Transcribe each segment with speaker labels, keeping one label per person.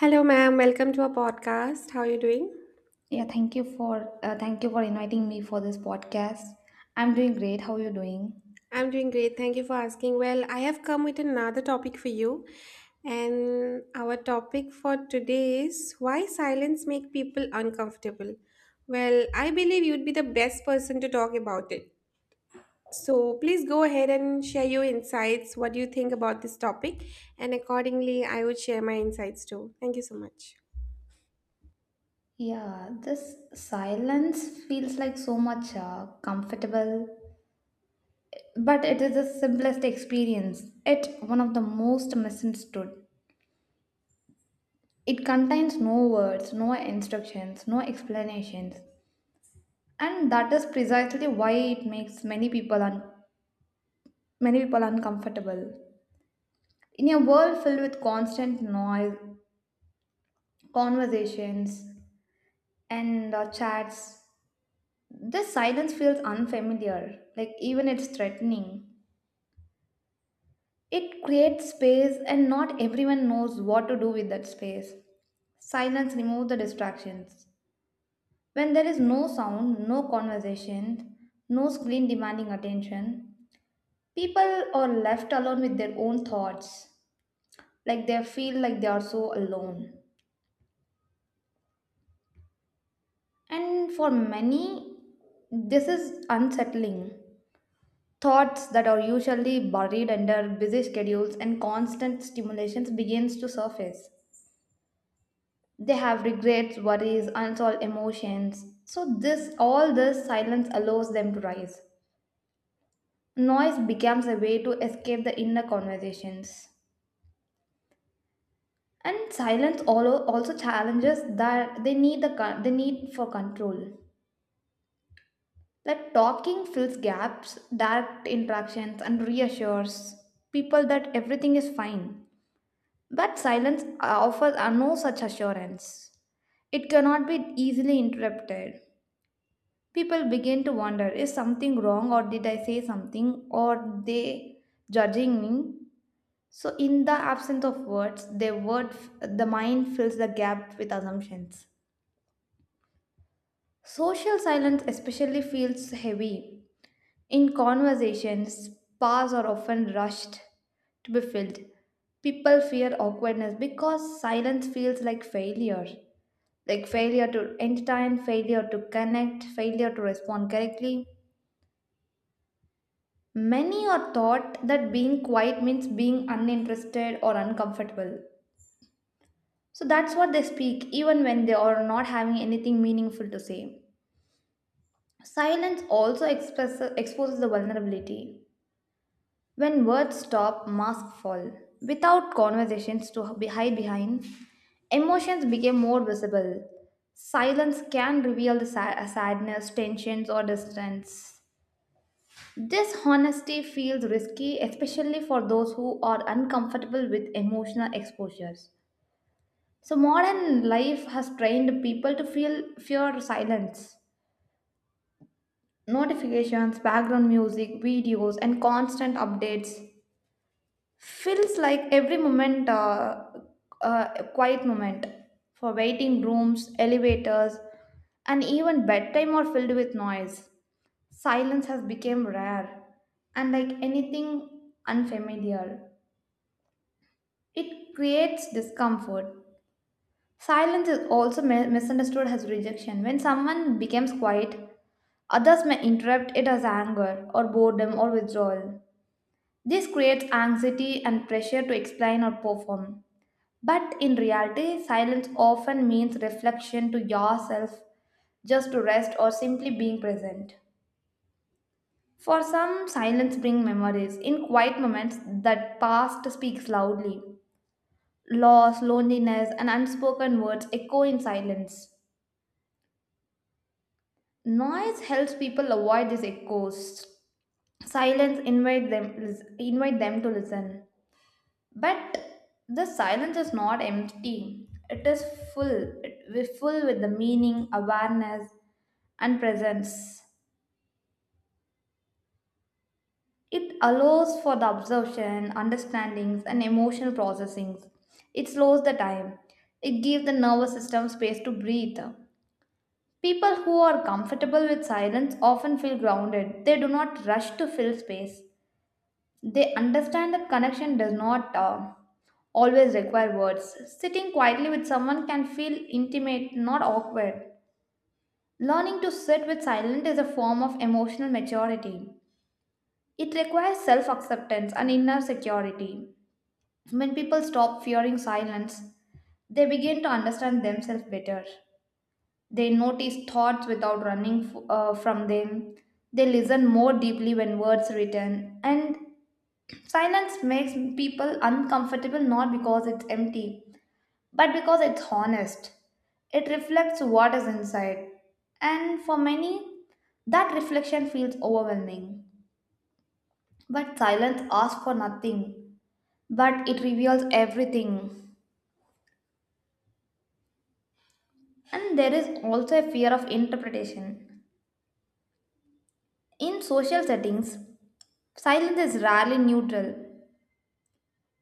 Speaker 1: Hello, ma'am. Welcome to our podcast. How are you doing?
Speaker 2: Yeah, thank you for inviting me for this podcast. I'm doing great. How are you doing?
Speaker 1: I'm doing great. Thank you for asking. Well, I have come with another topic for you. And our topic for today is why silence make people uncomfortable. Well, I believe you'd be the best person to talk about it. So please go ahead and share your insights, what do you think about this topic, and accordingly, I would share my insights too. Thank you so much.
Speaker 2: Yeah, this silence feels like so much comfortable, but it is the simplest experience. It one of the most misunderstood. It contains no words, no instructions, no explanations, and that is precisely why it makes many people uncomfortable. In a world filled with constant noise, conversations and chats. This silence feels unfamiliar, like even it's threatening. It creates space, and not everyone knows what to do with that space. Silence removes the distractions. When there is no sound, no conversation, no screen demanding attention, people are left alone with their own thoughts, like they feel like they are so alone. And for many, this is unsettling. Thoughts that are usually buried under busy schedules and constant stimulations begins to surface. They have regrets, worries, unsolved emotions. So this all this silence allows them to rise. Noise becomes a way to escape the inner conversations. And silence also challenges that they need they need for control. That talking fills gaps, direct interactions, and reassures people that everything is fine. But silence offers no such assurance. It cannot be easily interrupted. People begin to wonder, is something wrong, or did I say something, or they judging me? So, in the absence of words, the word, the mind fills the gap with assumptions. Social silence especially feels heavy. In conversations, spas are often rushed to be filled. People fear awkwardness because silence feels like failure. Like failure to entertain, failure to connect, failure to respond correctly. Many are taught that being quiet means being uninterested or uncomfortable. So that's what they speak, even when they are not having anything meaningful to say. Silence also express exposes the vulnerability. When words stop, masks fall. Without conversations to hide behind, emotions became more visible. Silence can reveal the sadness, tensions, or distance. This honesty feels risky, especially for those who are uncomfortable with emotional exposures. So, modern life has trained people to feel fear silence. Notifications, background music, videos, and constant updates feels like every moment quiet moment for waiting rooms, elevators, and even bedtime are filled with noise. Silence has become rare, and like anything unfamiliar, it creates discomfort. Silence is also misunderstood as rejection. When someone becomes quiet, others may interpret it as anger or boredom or withdrawal. This creates anxiety and pressure to explain or perform. But in reality, silence often means reflection to yourself, just to rest or simply being present. For some, silence brings memories. In quiet moments, that past speaks loudly. Loss, loneliness, and unspoken words echo in silence. Noise helps people avoid these echoes. Silence invite them to listen. But the silence is not empty. It is full. It is full with the meaning, awareness, and presence. It allows for the absorption, understandings, and emotional processings. It slows the time. It gives the nervous system space to breathe. People who are comfortable with silence often feel grounded. They do not rush to fill space. They understand that connection does not always require words. Sitting quietly with someone can feel intimate, not awkward. Learning to sit with silence is a form of emotional maturity. It requires self acceptance and inner security. When people stop fearing silence, they begin to understand themselves better. They notice thoughts without running from them. They listen more deeply when words return, and silence makes people uncomfortable not because it's empty, but because it's honest. It reflects what is inside. And for many, that reflection feels overwhelming. But silence asks for nothing, but it reveals everything. And there is also a fear of interpretation. In social settings, silence is rarely neutral.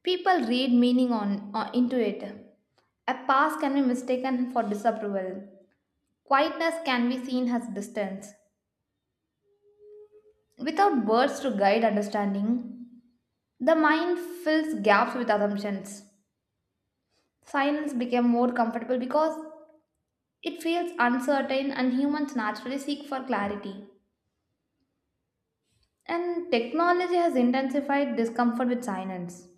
Speaker 2: People read meaning on into it. A pass can be mistaken for disapproval. Quietness can be seen as distance. Without words to guide understanding, the mind fills gaps with assumptions. Silence became more comfortable because it feels uncertain, and humans naturally seek for clarity. And technology has intensified discomfort with silence.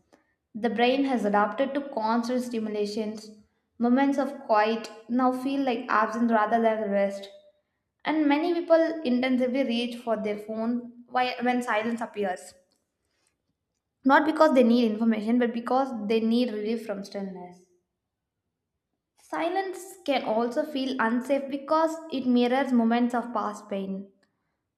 Speaker 2: The brain has adapted to constant stimulations. Moments of quiet now feel like absence rather than rest. And many people intensively reach for their phone when silence appears. Not because they need information, but because they need relief from stillness. Silence can also feel unsafe because it mirrors moments of past pain.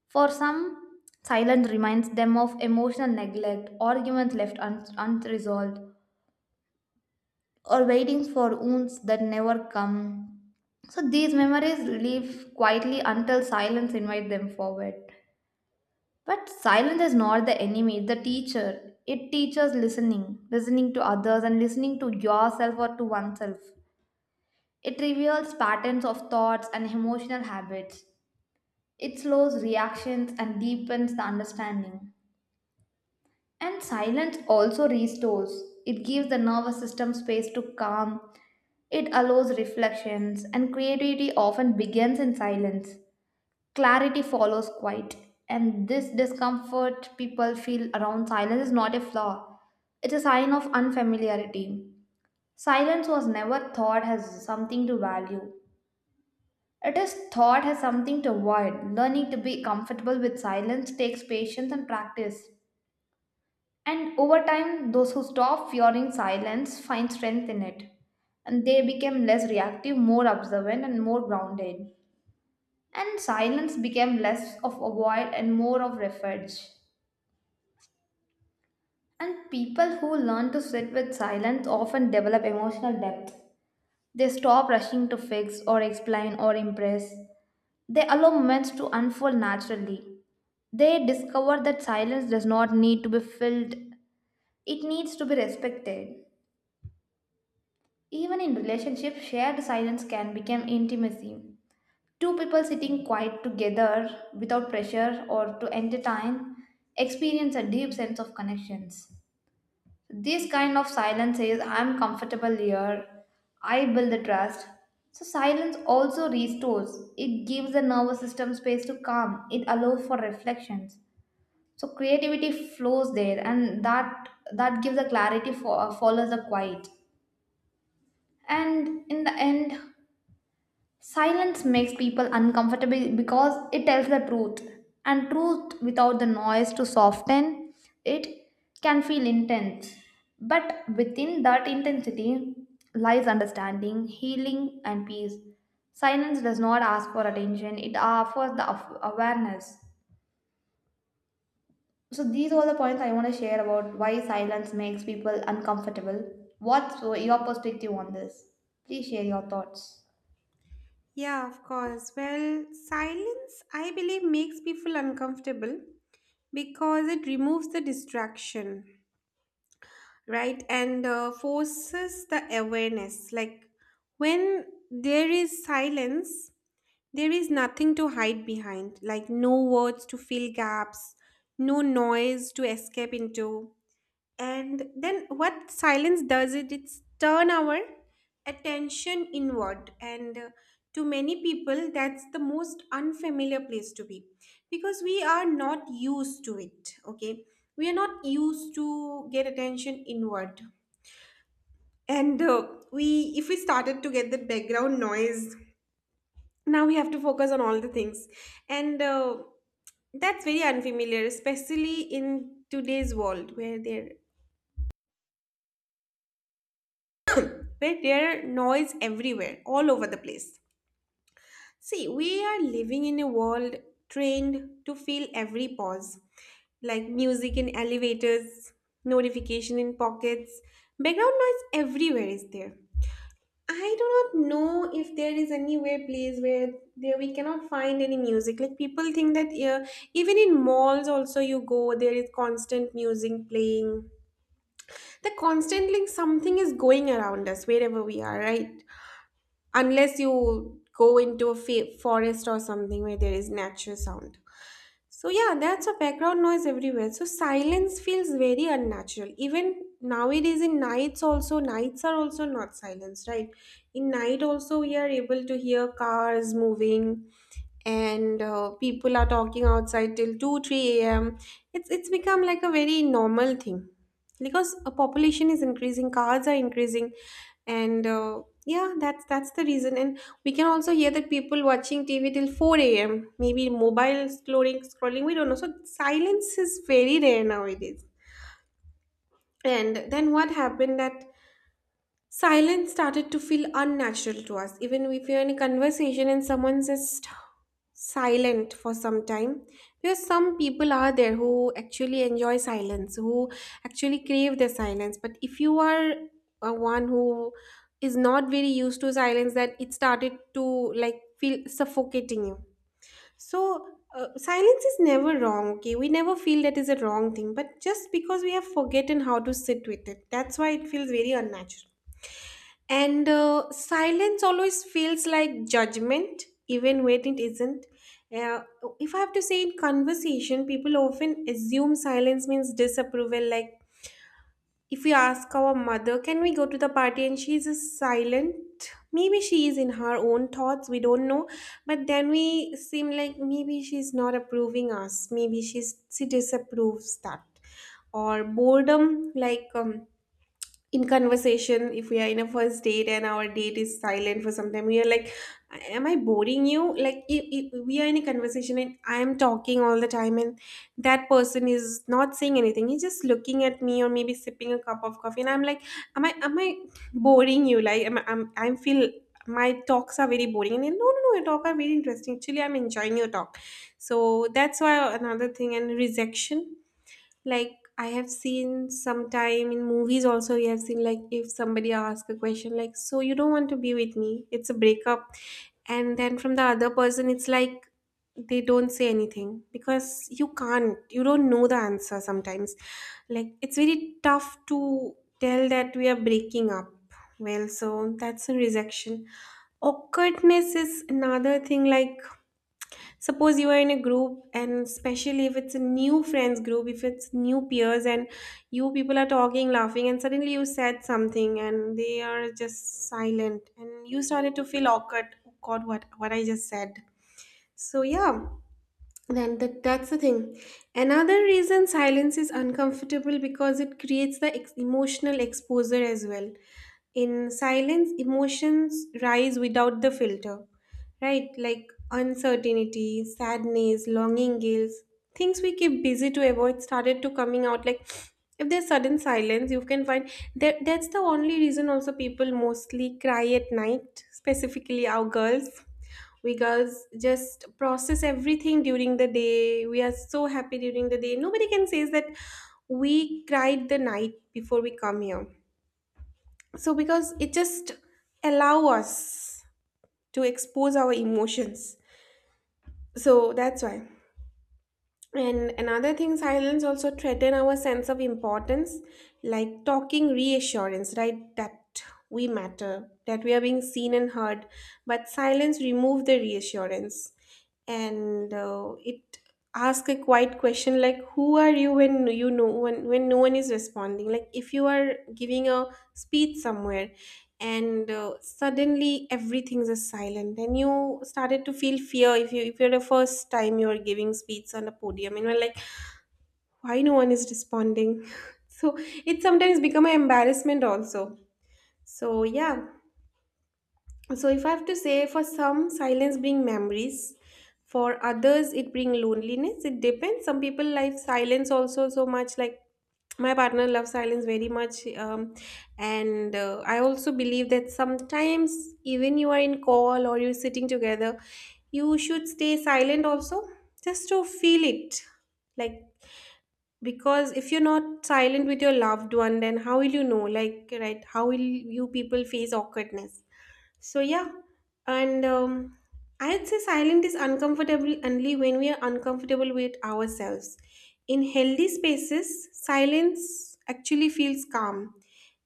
Speaker 2: For some, silence reminds them of emotional neglect, arguments left unresolved, or waiting for wounds that never come. So these memories live quietly until silence invites them forward. But silence is not the enemy, it's the teacher. It teaches listening, listening to others and listening to yourself or to oneself. It reveals patterns of thoughts and emotional habits. It slows reactions and deepens the understanding. And silence also restores. It gives the nervous system space to calm. It allows reflections, and creativity often begins in silence. Clarity follows quiet, and this discomfort people feel around silence is not a flaw, it's a sign of unfamiliarity. Silence was never thought as something to value, it is thought as something to avoid. Learning to be comfortable with silence takes patience and practice, and over time those who stop fearing silence find strength in it, and they become less reactive, more observant, and more grounded. And silence became less of avoid and more of refuge. And people who learn to sit with silence often develop emotional depth. They stop rushing to fix or explain or impress. They allow moments to unfold naturally. They discover that silence does not need to be filled, it needs to be respected. Even in relationships, shared silence can become intimacy. Two people sitting quiet together without pressure or to entertain experience a deep sense of connections. This kind of silence says, I'm comfortable here, I build the trust. So, silence also restores, it gives the nervous system space to calm, it allows for reflections. So, creativity flows there, and that gives a clarity for follows the quiet. And in the end, silence makes people uncomfortable because it tells the truth, and truth without the noise to soften it can feel intense. But within that intensity lies understanding, healing, and peace. Silence does not ask for attention, it offers the awareness. So, these are the points I want to share about why silence makes people uncomfortable. What's your perspective on this? Please share your thoughts.
Speaker 1: Yeah, of course. Well, silence, I believe, makes people uncomfortable because it removes the distraction, right, and forces the awareness, like when there is silence, there is nothing to hide behind, like no words to fill gaps, no noise to escape into. And then what silence does, it, it's turn our attention inward. And to many people, that's the most unfamiliar place to be because we are not used to it. Okay. We are not used to get attention inward. And we, if we started to get the background noise, now we have to focus on all the things. And that's very unfamiliar, especially in today's world where there are noise everywhere, all over the place. See, we are living in a world trained to feel every pause, like music in elevators, notification in pockets, background noise everywhere is there. I do not know if there is anywhere place where there we cannot find any music. Like people think that, yeah, even in malls also you go, there is constant music playing. The constant, like something is going around us wherever we are, right? Unless you go into a forest or something where there is natural sound. So yeah, that's a background noise everywhere. So silence feels very unnatural. Even nowadays in nights also, nights are also not silence, right? In night also we are able to hear cars moving, and people are talking outside till 2 3 a.m. It's become like a very normal thing because a population is increasing, cars are increasing, and yeah, that's the reason. And we can also hear that people watching tv till 4 a.m., maybe mobile scrolling, we don't know. So silence is very rare nowadays. And then what happened that silence started to feel unnatural to us. Even if you're in a conversation and someone's just silent for some time, because some people are there who actually enjoy silence, who actually crave the silence. But if you are a one who is not very used to silence, that it started to like feel suffocating you. So silence is never wrong. Okay, we never feel that is a wrong thing, but just because we have forgotten how to sit with it, that's why it feels very unnatural. And silence always feels like judgment, even when it isn't. Uh, if I have to say, in conversation, people often assume silence means disapproval. Like if we ask our mother, can we go to the party? And she's just silent. Maybe she is in her own thoughts, we don't know. But then we seem like maybe she's not approving us. Maybe she disapproves that. Or boredom, like in conversation if we are in a first date and our date is silent for some time, we are like, am I boring you? Like if we are in a conversation and I am talking all the time and that person is not saying anything, he's just looking at me or maybe sipping a cup of coffee, and I'm like, am I boring you? Like am I feel my talks are very boring, and then, no, your talk are very interesting, actually I'm enjoying your talk. So that's why. Another thing, and rejection, like I have seen sometime in movies also, you have seen like if somebody asks a question, like so you don't want to be with me, it's a breakup, and then from the other person it's like they don't say anything because you don't know the answer sometimes. Like it's very tough to tell that we are breaking up. Well, so that's a rejection. Awkwardness is another thing. Like suppose you are in a group, and especially if it's a new friends group, if it's new peers, and you people are talking, laughing, and suddenly you said something and they are just silent, and you started to feel awkward, oh god, what I just said. So yeah, then that's the thing. Another reason silence is uncomfortable because it creates the emotional exposure as well. In silence, emotions rise without the filter, right? Like uncertainty, sadness, longing, guilt, things we keep busy to avoid started to coming out. Like if there's sudden silence, you can find that that's the only reason also people mostly cry at night, specifically our girls, because just process everything during the day, we are so happy during the day, nobody can say that we cried the night before we come here. So because it just allow us to expose our emotions. So that's why. And another thing, silence also threaten our sense of importance, like talking reassurance, right? That we matter, that we are being seen and heard. But silence remove the reassurance, and it ask a quiet question like, "Who are you?" When you know, when no one is responding, like if you are giving a speech somewhere and suddenly everything's is silent and you started to feel fear, if you, if you're the first time you're giving speech on the podium and you're like, why no one is responding? So it sometimes become an embarrassment also. So yeah. So if I have to say, for some silence bring memories, for others it bring loneliness. It depends. Some people like silence also so much, like my partner loves silence very much, and I also believe that sometimes, even you are in call or you're sitting together, you should stay silent also, just to feel it, like because if you're not silent with your loved one, then how will you know, like, right, how will you people face awkwardness. So yeah. And I'd say silent is uncomfortable only when we are uncomfortable with ourselves. In healthy spaces silence actually feels calm,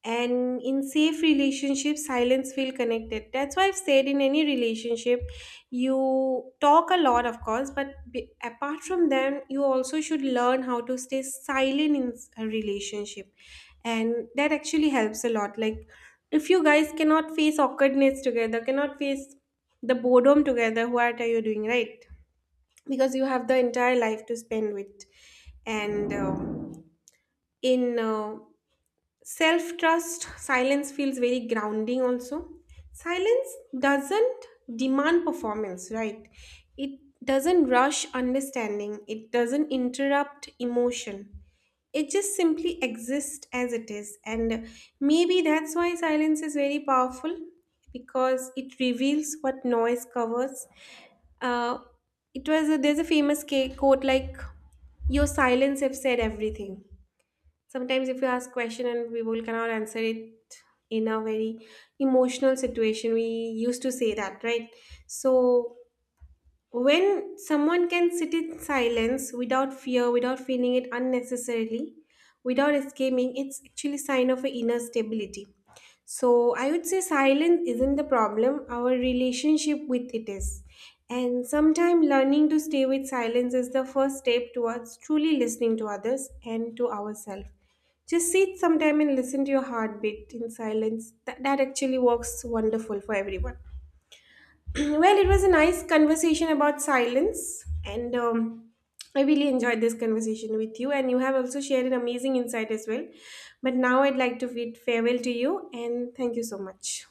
Speaker 1: and in safe relationships silence feel connected. That's why I've said in any relationship you talk a lot of course, but apart from them you also should learn how to stay silent in a relationship. And that actually helps a lot. Like if you guys cannot face awkwardness together, cannot face the boredom together, what are you doing, right? Because you have the entire life to spend with. And in self trust, silence feels very grounding also. Silence doesn't demand performance, right? It doesn't rush understanding, it doesn't interrupt emotion. It just simply exists as it is. And maybe that's why silence is very powerful, because it reveals what noise covers. Uh, it was a, there's a famous quote like, your silence have said everything. Sometimes if you ask question and we will cannot answer it in a very emotional situation, we used to say that, right? So when someone can sit in silence without fear, without feeling it unnecessarily, without escaping, it's actually sign of an inner stability. So I would say silence isn't the problem, our relationship with it is. And sometimes learning to stay with silence is the first step towards truly listening to others and to ourselves. Just sit sometime and listen to your heartbeat in silence. That actually works wonderful for everyone. Well, it was a nice conversation about silence, and I really enjoyed this conversation with you. And you have also shared an amazing insight as well. But now I'd like to bid farewell to you, and thank you so much.